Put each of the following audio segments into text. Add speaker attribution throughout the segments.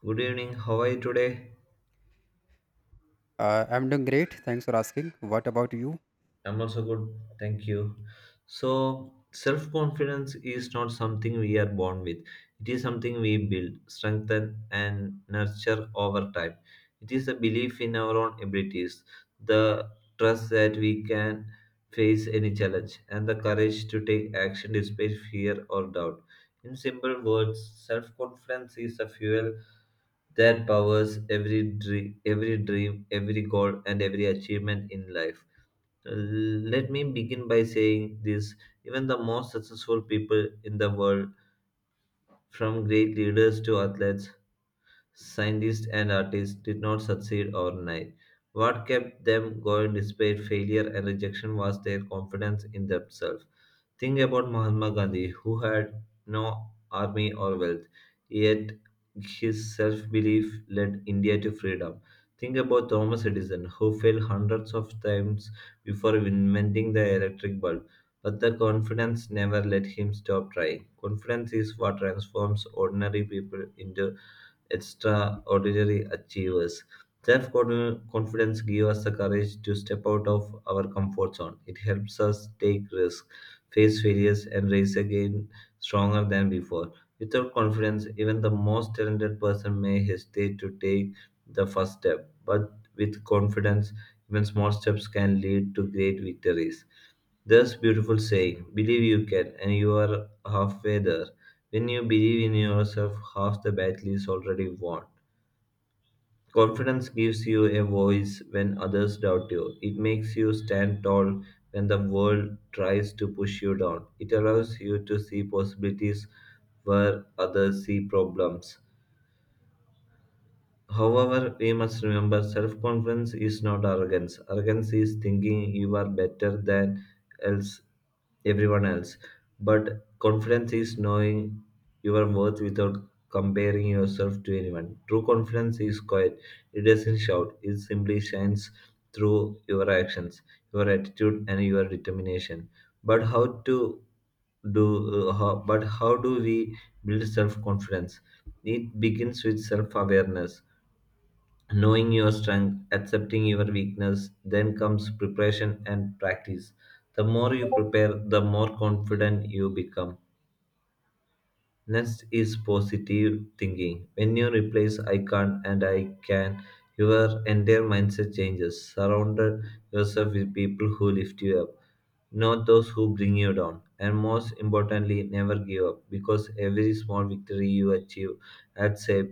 Speaker 1: Good evening. How are you today?
Speaker 2: I'm doing great. Thanks for asking. What about you?
Speaker 1: I'm also good. Thank you. So, self confidence is not something we are born with, it is something we build, strengthen, and nurture over time. It is a belief in our own abilities, the trust that we can face any challenge, and the courage to take action despite fear or doubt. In simple words, self confidence is a fuel that powers every dream, every goal, and every achievement in life. Let me begin by saying this: even the most successful people in the world, from great leaders to athletes, scientists, and artists, did not succeed overnight. What kept them going despite failure and rejection was their confidence in themselves. Think about Mahatma Gandhi, who had no army or wealth, yet his self belief led India to freedom. Think about Thomas Edison, who failed hundreds of times before inventing the electric bulb, but the confidence never let him stop trying. Confidence is what transforms ordinary people into extraordinary achievers. Self confidence gives us the courage to step out of our comfort zone. It helps us take risks, face failures, and rise again stronger than before. Without confidence, even the most talented person may hesitate to take the first step. But with confidence, even small steps can lead to great victories. This beautiful saying, believe you can, and you are halfway there. When you believe in yourself, half the battle is already won. Confidence gives you a voice when others doubt you. It makes you stand tall when the world tries to push you down. It allows you to see possibilities where others see problems. However, we must remember self confidence is not arrogance. Arrogance is thinking you are better than else everyone else. But confidence is knowing your worth without comparing yourself to anyone. True confidence is quiet. It doesn't shout. It simply shines through your actions, your attitude and your determination. But how to but how do we build self confidence? It begins with self awareness: knowing your strength, accepting your weakness, then comes preparation and practice. The more you prepare, the more confident you become. Next is positive thinking. When you replace I can't and I can, your entire mindset changes. Surround yourself with people who lift you up, not those who bring you down. And most importantly, never give up because every small victory you achieve adds a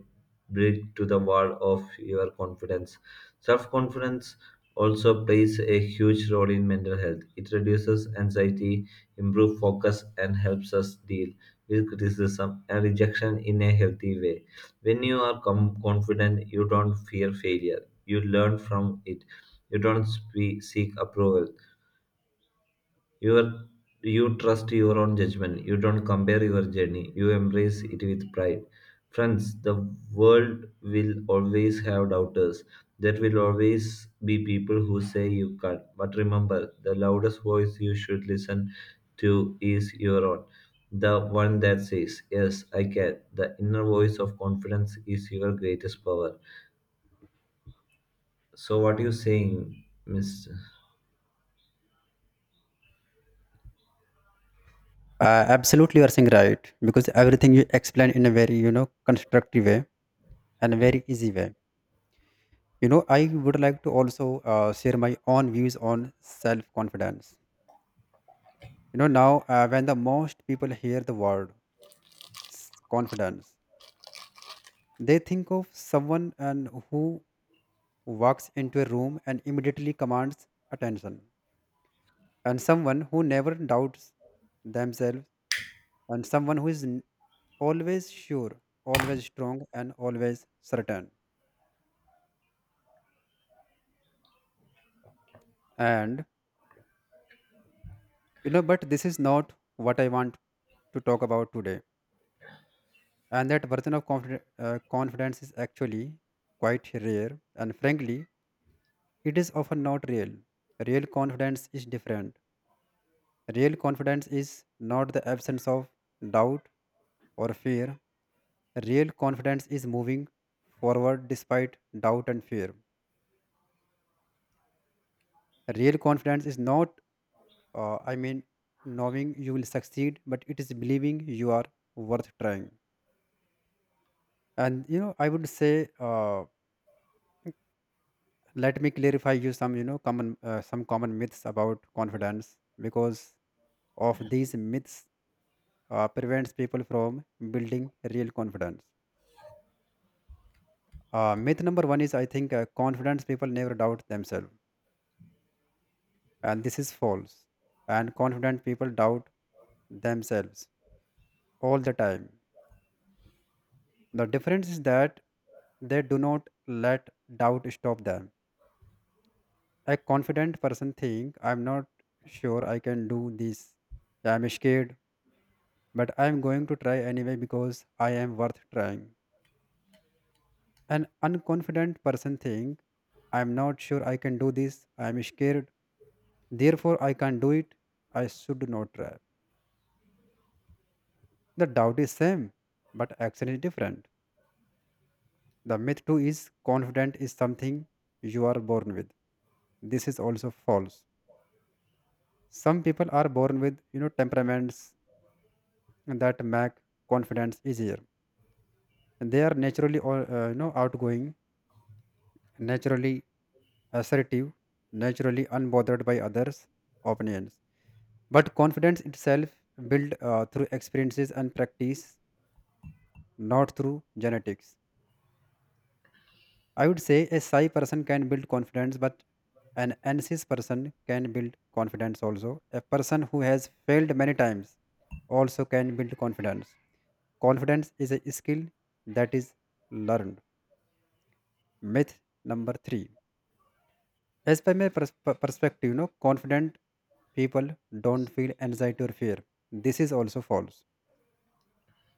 Speaker 1: brick to the wall of your confidence. Self confidence also plays a huge role in mental health. It reduces anxiety, improves focus, and helps us deal with criticism and rejection in a healthy way. When you are confident, you don't fear failure. You learn from it. You don't seek approval, your you trust your own judgment. You don't compare your journey, you embrace it with pride. Friends, the world will always have doubters. There will always be people who say you can't, but remember, the loudest voice you should listen to is your own, the one that says, yes I can. The inner voice of confidence is your greatest power. So what are you saying, miss?
Speaker 2: Absolutely, you are saying right because everything you explain in a very constructive way and a very easy way. You know, I would like to also share my own views on self confidence. You know, now when the most people hear the word confidence, they think of someone and who walks into a room and immediately commands attention, and someone who never doubts themselves, and someone who is always sure, always strong, and always certain. And you know, but this is not what I want to talk about today. And that version of confidence is actually quite rare, and frankly, it is often not real. Real confidence is different. Real confidence is not the absence of doubt or fear. Real confidence is moving forward despite doubt and fear. Real confidence is not, I mean, knowing you will succeed, but it is believing you are worth trying. And you know, I would say, let me clarify you some common some common myths about confidence because of these myths prevents people from building real confidence. Myth number one is I think confidence people never doubt themselves, and this is false. And confident people doubt themselves all the time. The difference is that they do not let doubt stop them. A confident person think I'm not sure I can do this. Yeah, I'm scared, but I'm going to try anyway because I am worth trying. An unconfident person think I'm not sure I can do this. I'm scared. Therefore I can't do it. I should not try. The doubt is same, but action is different. The myth too is confident is something you are born with. This is also false. Some people are born with you know temperaments that make confidence easier. They are naturally, or you know, outgoing, naturally assertive, naturally unbothered by others' opinions. But confidence itself built through experiences and practice, not through genetics. I would say a shy person can build confidence, but an anxious person can build confidence also. A person who has failed many times also can build confidence. Confidence is a skill that is learned. Myth number three. As per my perspective, you know, confident people don't feel anxiety or fear. This is also false.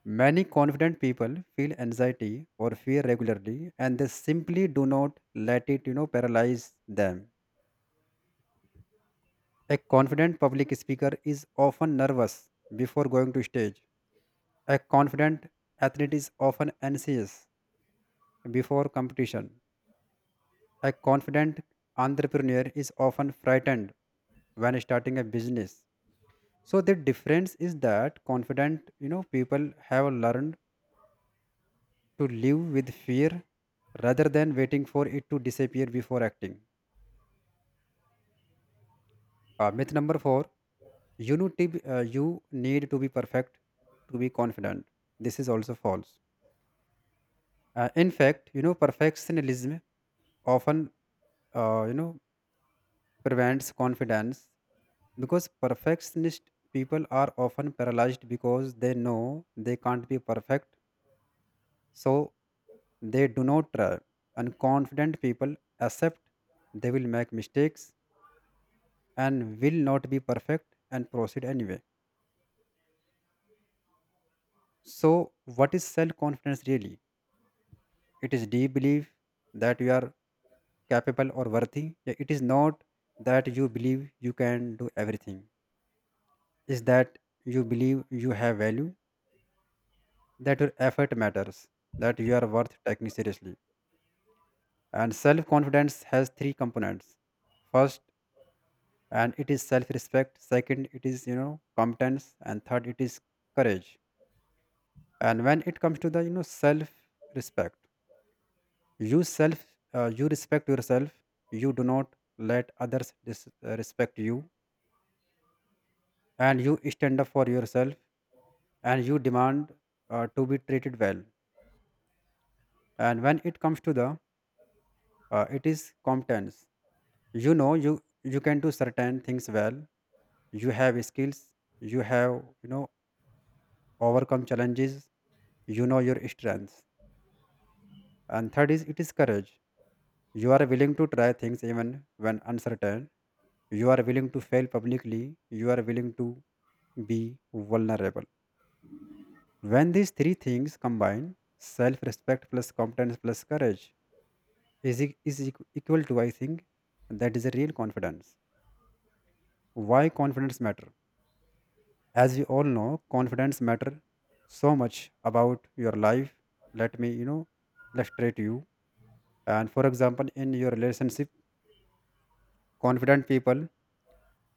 Speaker 2: Many confident people feel anxiety or fear regularly, and they simply do not let it, you know, paralyze them. A confident public speaker is often nervous before going to stage. A confident athlete is often anxious before competition. A confident entrepreneur is often frightened when starting a business. So the difference is that confident, you know, people have learned to live with fear rather than waiting for it to disappear before acting. Myth number four: you need to be, you need to be perfect to be confident. This is also false. In fact, you know, perfectionism often, uh, you know, prevents confidence because perfectionist people are often paralyzed because they know they can't be perfect, so they do not try. And confident people accept they will make mistakes and will not be perfect and proceed anyway. So what is self confidence really? It is deep belief that you are capable or worthy. Yeah, it is not that you believe you can do everything, is that you believe you have value, that your effort matters, that you are worth taking seriously. And self confidence has three components. First, and it is self respect. Second, it is, you know, competence. And third, it is courage. And when it comes to the, you know, self respect, you self, you respect yourself. You do not let others respect you. And you stand up for yourself, and you demand to be treated well. And when it comes to the, it is competence. You know, you can do certain things well, you have skills, you have you know overcome challenges, you know your strengths. And third is it is courage. You are willing to try things even when uncertain, you are willing to fail publicly, you are willing to be vulnerable. When these three things combine, self-respect plus competence plus courage is, equal to I think that is a real confidence. Why confidence matter? As we all know, confidence matter so much about your life. Let me you know illustrate you, and for example, in your relationship, confident people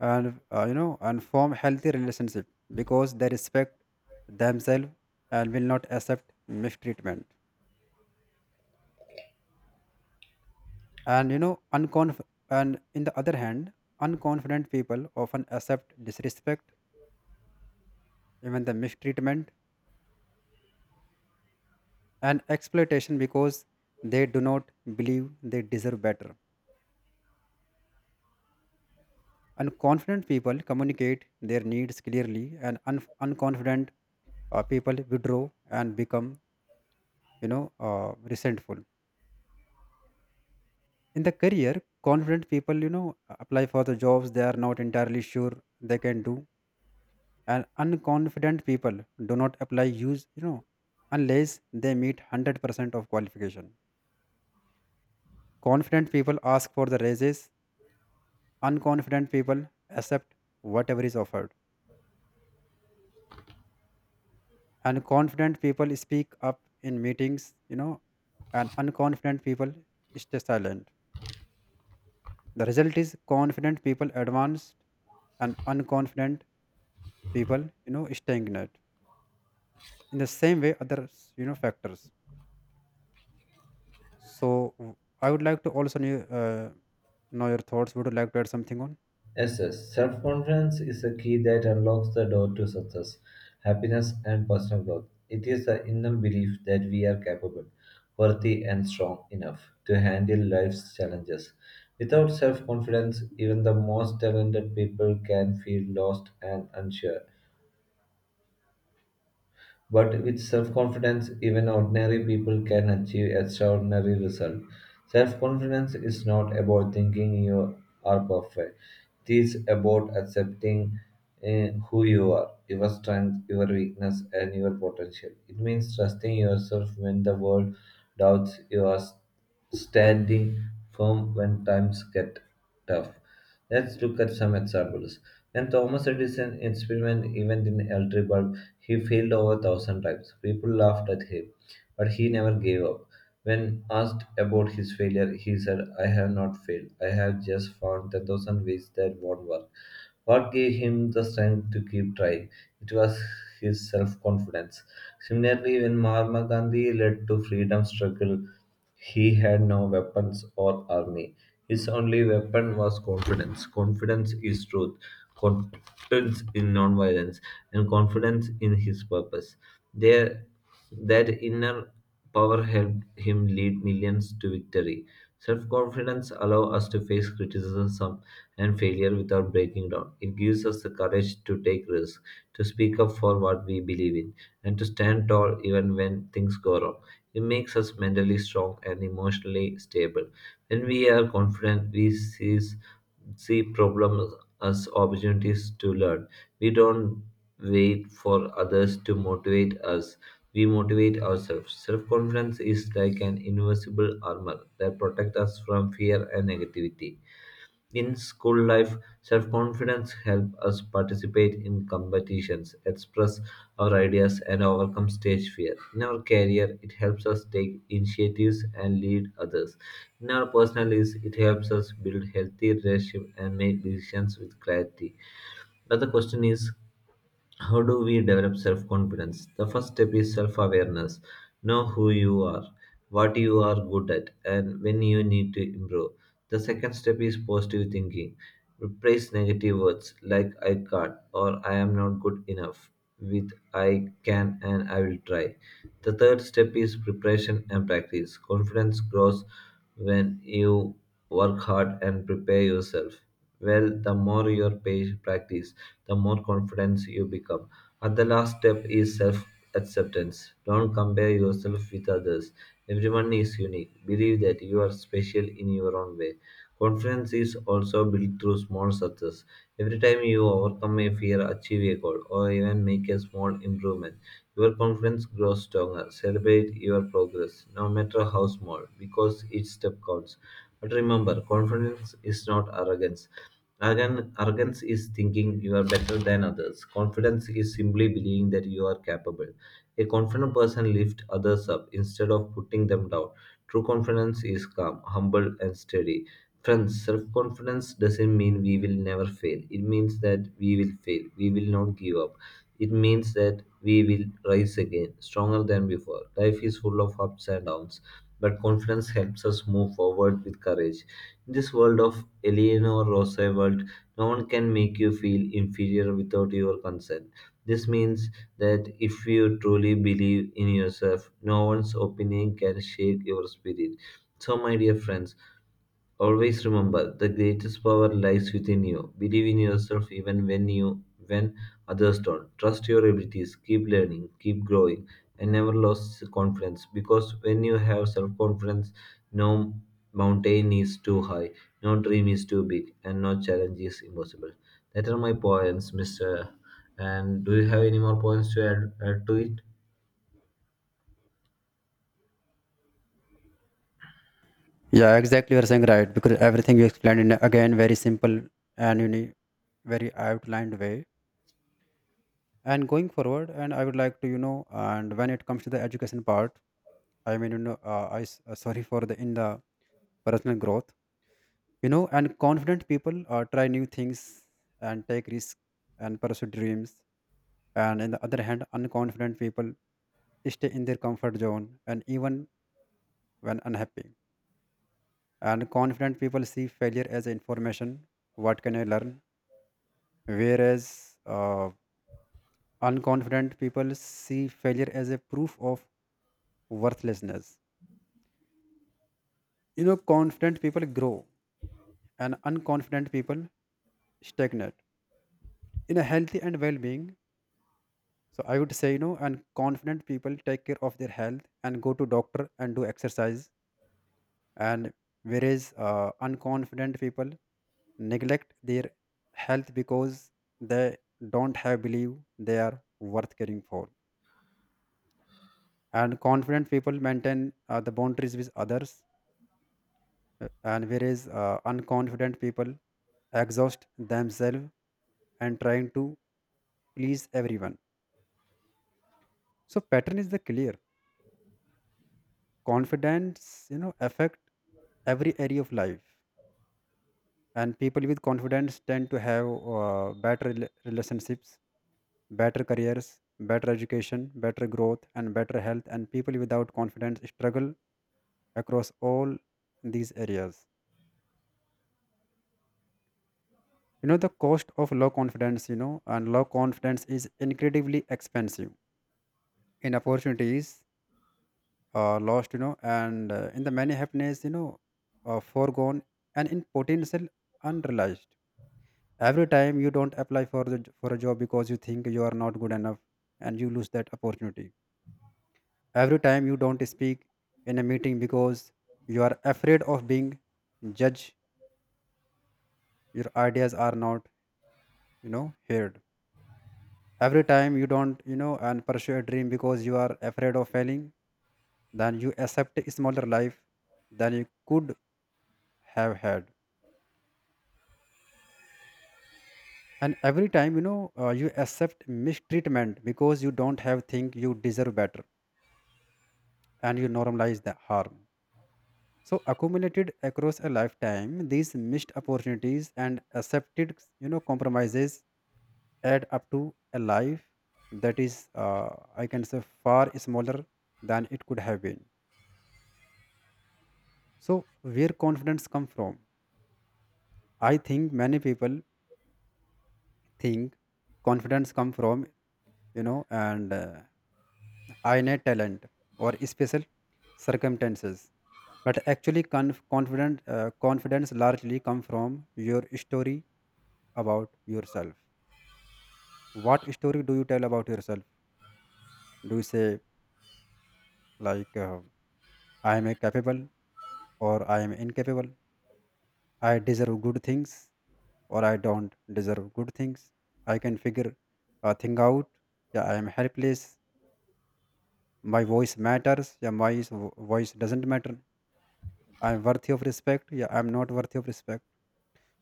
Speaker 2: and you know and form healthy relationship because they respect themselves and will not accept mistreatment. And you know unconf and in the other hand, unconfident people often accept disrespect, even the mistreatment and exploitation, because they do not believe they deserve better. And confident people communicate their needs clearly, and unconfident people withdraw and become you know resentful. In the career, confident people you know apply for the jobs they are not entirely sure they can do, and unconfident people do not apply use you know unless they meet 100% of qualification. Confident people ask for the raises, unconfident people accept whatever is offered. And confident people speak up in meetings, you know, and unconfident people stay silent. The result is confident people advanced and unconfident people you know stagnate. In the same way others you know factors. So, w- I would like to also know your thoughts. Would you like to add something on?
Speaker 1: Yes, yes. Self confidence is a key that unlocks the door to success, happiness, and personal growth. It is the inner belief that we are capable, worthy, and strong enough to handle life's challenges. Without self confidence, even the most talented people can feel lost and unsure. But with self confidence, even ordinary people can achieve extraordinary results. Self confidence is not about thinking you are perfect, it is about accepting who you are, your strength, your weakness, and your potential. It means trusting yourself when the world doubts you, standing firm when times get tough. Let's look at some examples. When Thomas Edison experimented even in electric bulb, he failed over a thousand times. People laughed at him, but he never gave up. When asked about his failure, he said, I have not failed. I have just found 10,000 ways that won't work. What gave him the strength to keep trying? It was his self confidence. Similarly, when Mahatma Gandhi led to freedom struggle, he had no weapons or army. His only weapon was confidence. Confidence is truth, confidence in nonviolence, and confidence in his purpose. There, that inner power helped him lead millions to victory. Self confidence allows us to face criticism and failure without breaking down. It gives us the courage to take risks, to speak up for what we believe in, and to stand tall even when things go wrong. It makes us mentally strong and emotionally stable. When we are confident, we seize see problems as opportunities to learn. We don't wait for others to motivate us, we motivate ourselves. Self confidence is like an invisible armor that protects us from fear and negativity. In school life, self-confidence helps us participate in competitions, express our ideas, and overcome stage fear. In our career, it helps us take initiatives and lead others. In our personal lives, it helps us build healthy relationships and make decisions with clarity. Another question is, how do we develop self confidence? The first step is self awareness. Know who you are, what you are good at, and when you need to improve. The second step is positive thinking. Replace negative words like I can't or I am not good enough with I can and I will try. The third step is preparation and practice. Confidence grows when you work hard and prepare yourself well. The more you practice, the more confident you become. And the last step is self acceptance. Don't compare yourself with others. Everyone is unique. Believe that you are special in your own way. Confidence is also built through small success. Every time you overcome a fear, achieve a goal, or even make a small improvement, your confidence grows stronger. Celebrate your progress, no matter how small, because each step counts. But remember, confidence is not arrogance. Arrogance is thinking you are better than others. Confidence is simply believing that you are capable. A confident person lifts others up instead of putting them down. True confidence is calm, humble, and steady. Friends, self confidence doesn't mean we will never fail. It means that we will fail. We will not give up. It means that we will rise again, stronger than before. Life is full of ups and downs, but confidence helps us move forward with courage. In this world of Eleanor Roosevelt, no one can make you feel inferior without your consent. This means that if you truly believe in yourself, no one's opinion can shake your spirit. So, my dear friends, always remember, the greatest power lies within you. Believe in yourself even when others don't. Trust your abilities, keep learning, keep growing, and never lose confidence because when you have self-confidence, no mountain is too high, no dream is too big, and no challenge is impossible. That are my points, Mr. And do you have any more points to add to it?
Speaker 2: Yeah, exactly, you're saying right because everything you explained in again very simple and you know, very outlined way. And going forward, and I would like to you know, and when it comes to the education part, I mean, you know, sorry for the, in the personal growth, you know, and confident people try new things and take risks and pursue dreams. And on the other hand, unconfident people stay in their comfort zone and even when unhappy. And confident people see failure as information. What can I learn? Whereas unconfident people see failure as a proof of worthlessness. You know, confident people grow and unconfident people stagnate. In a healthy and well-being, so I would say, you know, and confident people take care of their health and go to doctor and do exercise, and whereas unconfident people neglect their health because they don't have belief they are worth caring for. And confident people maintain the boundaries with others, uh, and whereas unconfident people exhaust themselves and trying to please everyone. So pattern is the clear: confidence you know affect every area of life, and people with confidence tend to have better relationships, better careers, better education, better growth, and better health. And people without confidence struggle across all these areas. You know, the cost of low confidence, you know, and low confidence is incredibly expensive in opportunities lost, you know, and in the many happiness, you know, foregone, and in potential unrealized. Every time you don't apply for the for a job because you think you are not good enough, and you lose that opportunity. Every time you don't speak in a meeting because you are afraid of being judged, your ideas are not you know heard. Every time you don't you know and pursue a dream because you are afraid of failing, then you accept a smaller life than you could have had. And every time you know you accept mistreatment because you don't have think you deserve better, and you normalize the harm. So accumulated across a lifetime, these missed opportunities and accepted, you know, compromises add up to a life that is, I can say, far smaller than it could have been. So where confidence come from? I think many people think confidence come from, you know, and innate talent or special circumstances. But actually, conf- confident confidence largely come from your story about yourself. What story do you tell about yourself? Do you say, like, I am a capable or I am incapable? I deserve good things or I don't deserve good things? I can figure a thing out. Yeah, I am helpless. My voice matters. Yeah, my voice doesn't matter. I am worthy of respect. Yeah, I am not worthy of respect.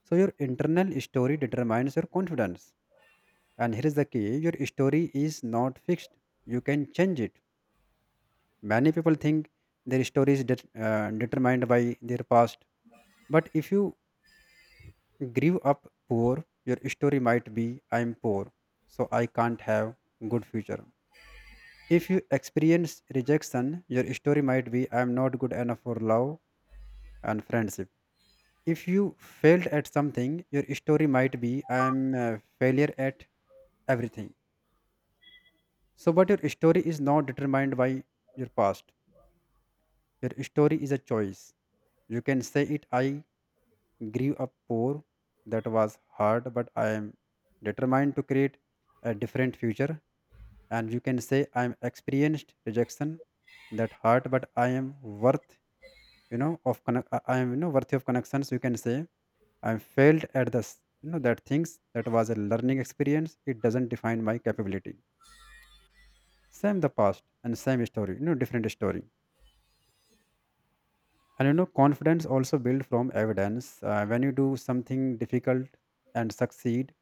Speaker 2: So, your internal story determines your confidence. And here is the key: your story is not fixed, you can change it. Many people think their story is determined by their past. But if you grew up poor, your story might be I'm poor, so I can't have good future. If you experience rejection, your story might be I'm not good enough for love and friendship. If you failed at something, your story might be I'm a failure at everything. So, but your story is not determined by your past. Your story is a choice. You can say it I grew up poor. That was hard, but I am determined to create a different future. And you can say I'm experienced rejection, that hurt, but I am worth, you know, of connect. I am you know worthy of connections. You can say I failed at this, you know, that things that was a learning experience. It doesn't define my capability. Same the past and same story, you know, different story. And you know, confidence also built from evidence. When you do something difficult and succeed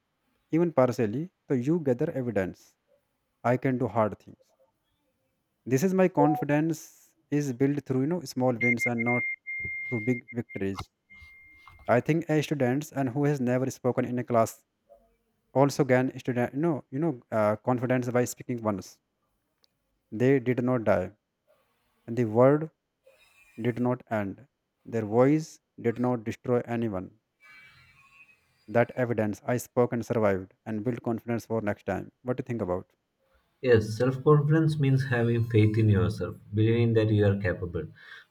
Speaker 2: even partially. So you gather evidence. I can do hard things. This is my confidence is built through you know small wins and not through big victories. I think a students and who has never spoken in a class also gain student confidence by speaking once. They did not die, and the word did not end. Their voice did not destroy anyone. That evidence I spoke and survived and built confidence for next time. What do you think about?
Speaker 1: Yes, self confidence means having faith in yourself, believing that you are capable,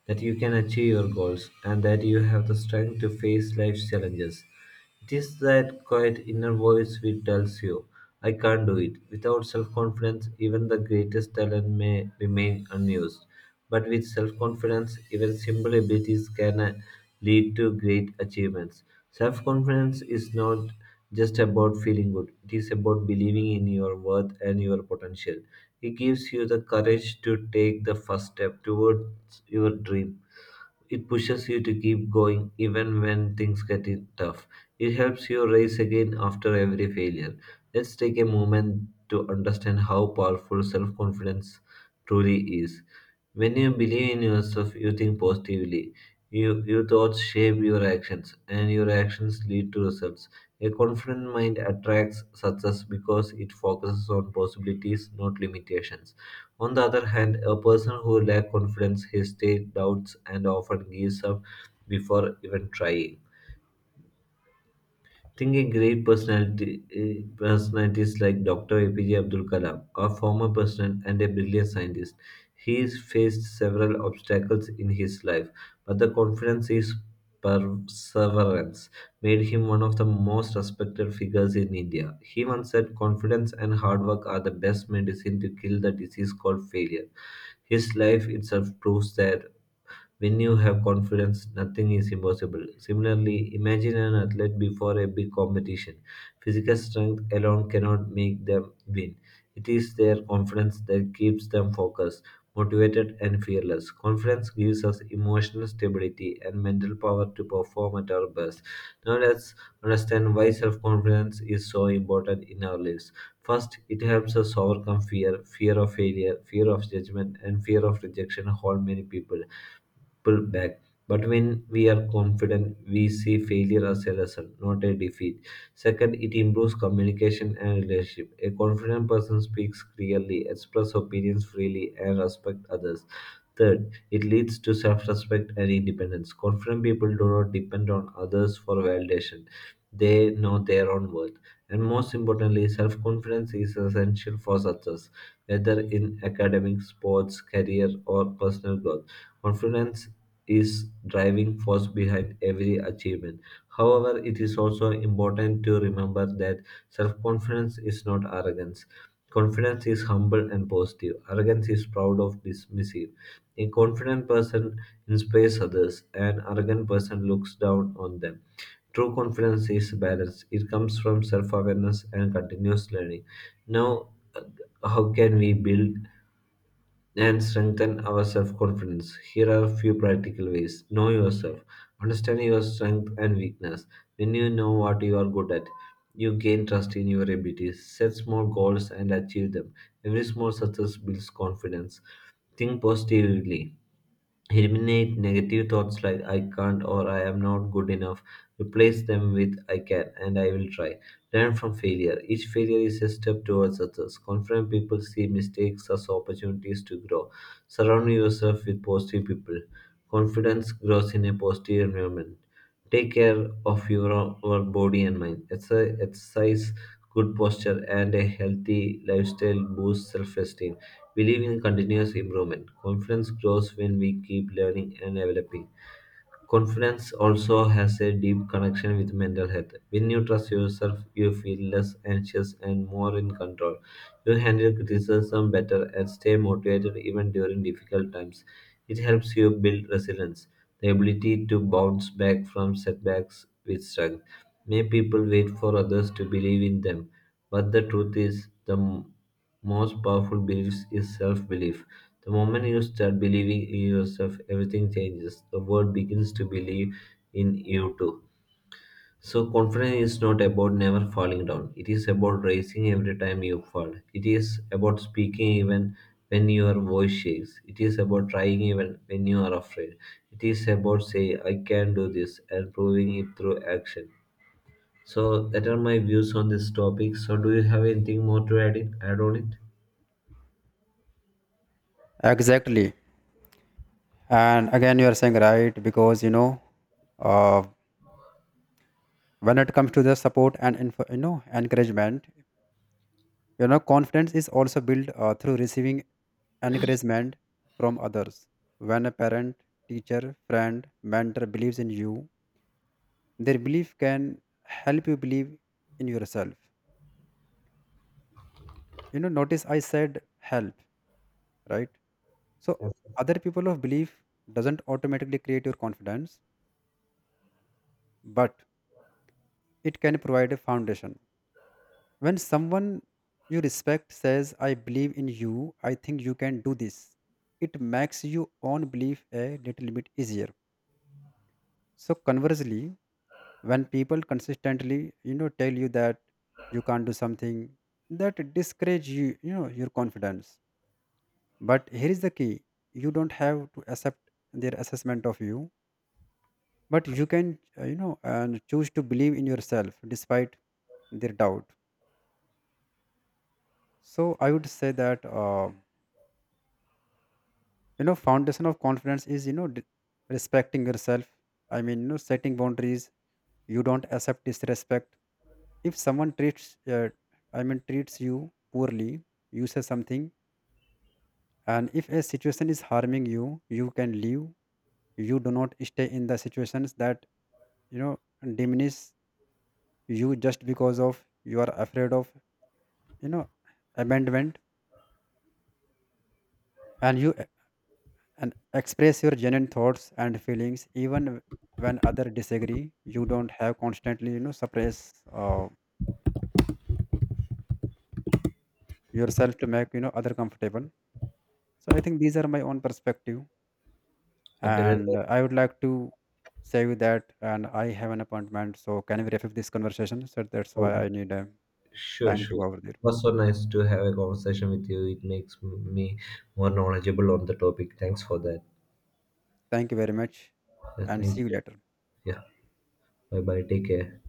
Speaker 1: that you can achieve your goals, and that you have the strength to face life's challenges. 'Tis that quiet inner voice which tells you, "I can't do it." Without self-confidence, even the greatest talent may remain unused. But with self-confidence, even simple abilities can lead to great achievements. Self-confidence is not just about feeling good; it is about believing in your worth and your potential. It gives you the courage to take the first step towards your dreams. It pushes you to keep going even when things get it tough. It helps you rise again after every failure. Let's take a moment to understand how powerful self confidence truly is. When you believe in yourself, you think positively. Your thoughts shape your actions, and your actions lead to results. A confident mind attracts success because it focuses on possibilities, not limitations. On the other hand, a person who lacks confidence hesitates, doubts, and often gives up before even trying. Think a great personalities like Dr. APJ Abdul Kalam, a former president and a brilliant scientist. He has faced several obstacles in his life, but the confidence is perseverance made him one of the most respected figures in India. He once said, Confidence and hard work are the best medicine to kill the disease called failure. His life itself proves that when you have confidence, nothing is impossible. Similarly, imagine an athlete before a big competition. Physical strength alone cannot make them win. It is their confidence that keeps them focused, motivated, and fearless. Confidence gives us emotional stability and mental power to perform at our best. Now, let's understand why self confidence is so important in our lives. First, it helps us overcome fear. Fear of failure, fear of judgment, and fear of rejection hold many people pull back. But when we are confident, we see failure as a lesson, not a defeat. Second, it improves communication and relationship. A confident person speaks clearly, expresses opinions freely, and respects others. Third, it leads to self respect and independence. Confident people do not depend on others for validation, they know their own worth. And most importantly, self confidence is essential for success, whether in academics, sports, career, or personal growth. Confidence is driving force behind every achievement. However, it is also important to remember that self-confidence is not arrogance. Confidence is humble and positive. Arrogance is proud of dismissive. A confident person inspires others. An arrogant person looks down on them. True confidence is balance. It comes from self awareness and continuous learning. Now, uh, how can we build and strengthen our self confidence. Here are a few practical ways. Know yourself. Understand your strength and weakness. When you know what you are good at, you gain trust in your abilities. Set small goals and achieve them. Every small success builds confidence. Think positively. Eliminate negative thoughts like I can't or I am not good enough. Replace them with I can and I will try. Learn from failure. Each failure is a step towards success. Confident people see mistakes as opportunities to grow. Surround yourself with positive people. Confidence grows in a positive environment. Take care of our body and mind. Exercise, good posture, and a healthy lifestyle boost self esteem. Believe in continuous improvement. Confidence grows when we keep learning and developing. Confidence also has a deep connection with mental health. When you trust yourself, you feel less anxious and more in control. You handle criticism better and stay motivated even during difficult times. It helps you build resilience, the ability to bounce back from setbacks with strength. May people wait for others to believe in them, but the truth is, the most powerful belief is self belief. The moment you start believing in yourself, everything changes. The world begins to believe in you too. So, confidence is not about never falling down, it is about rising every time you fall. It is about speaking even when your voice shakes. It is about trying even when you are afraid. It is about saying, I can do this, and proving it through action. So that are my views on this topic. So do you have anything more to add on it?
Speaker 2: Exactly. And again, you are saying right because you know, uh, when it comes to the support and info, you know encouragement, you know confidence is also built through receiving encouragement from others. When a parent, teacher, friend, mentor believes in you, their belief can help you believe in yourself. You know, notice I said help, right? So
Speaker 1: Yes.
Speaker 2: other people of belief doesn't automatically create your confidence, but it can provide a foundation. When someone you respect says, I believe in you, I think you can do this, it makes your own belief a little bit easier. So conversely, when people consistently, you know, tell you that you can't do something, that discourage you, you know, your confidence. But here is the key. You don't have to accept their assessment of you, but you can, you know, and choose to believe in yourself despite their doubt. So I would say that you know foundation of confidence is you know respecting yourself. I mean, you know, setting boundaries, you don't accept disrespect. If someone treats I mean treats you poorly, you say something. And if a situation is harming you, you can leave. You do not stay in the situations that you know diminish you just because of you are afraid of you know abandonment. And you and express your genuine thoughts and feelings even when other disagree. You don't have constantly you know suppress uh, yourself to make you know other comfortable. So I think these are my own perspective,
Speaker 1: Okay, that
Speaker 2: and
Speaker 1: was
Speaker 2: I would like to say you that, and I have an appointment, so can we wrap up this conversation? So that's
Speaker 1: oh,
Speaker 2: why I need
Speaker 1: sure,
Speaker 2: time to
Speaker 1: sure.
Speaker 2: go over
Speaker 1: It
Speaker 2: there.
Speaker 1: was so nice to have a conversation with you. It makes me more knowledgeable on the topic. Thanks for that.
Speaker 2: Thank you very much,
Speaker 1: Yeah,
Speaker 2: and see you
Speaker 1: thank you.
Speaker 2: later.
Speaker 1: Yeah. Bye bye. Take care.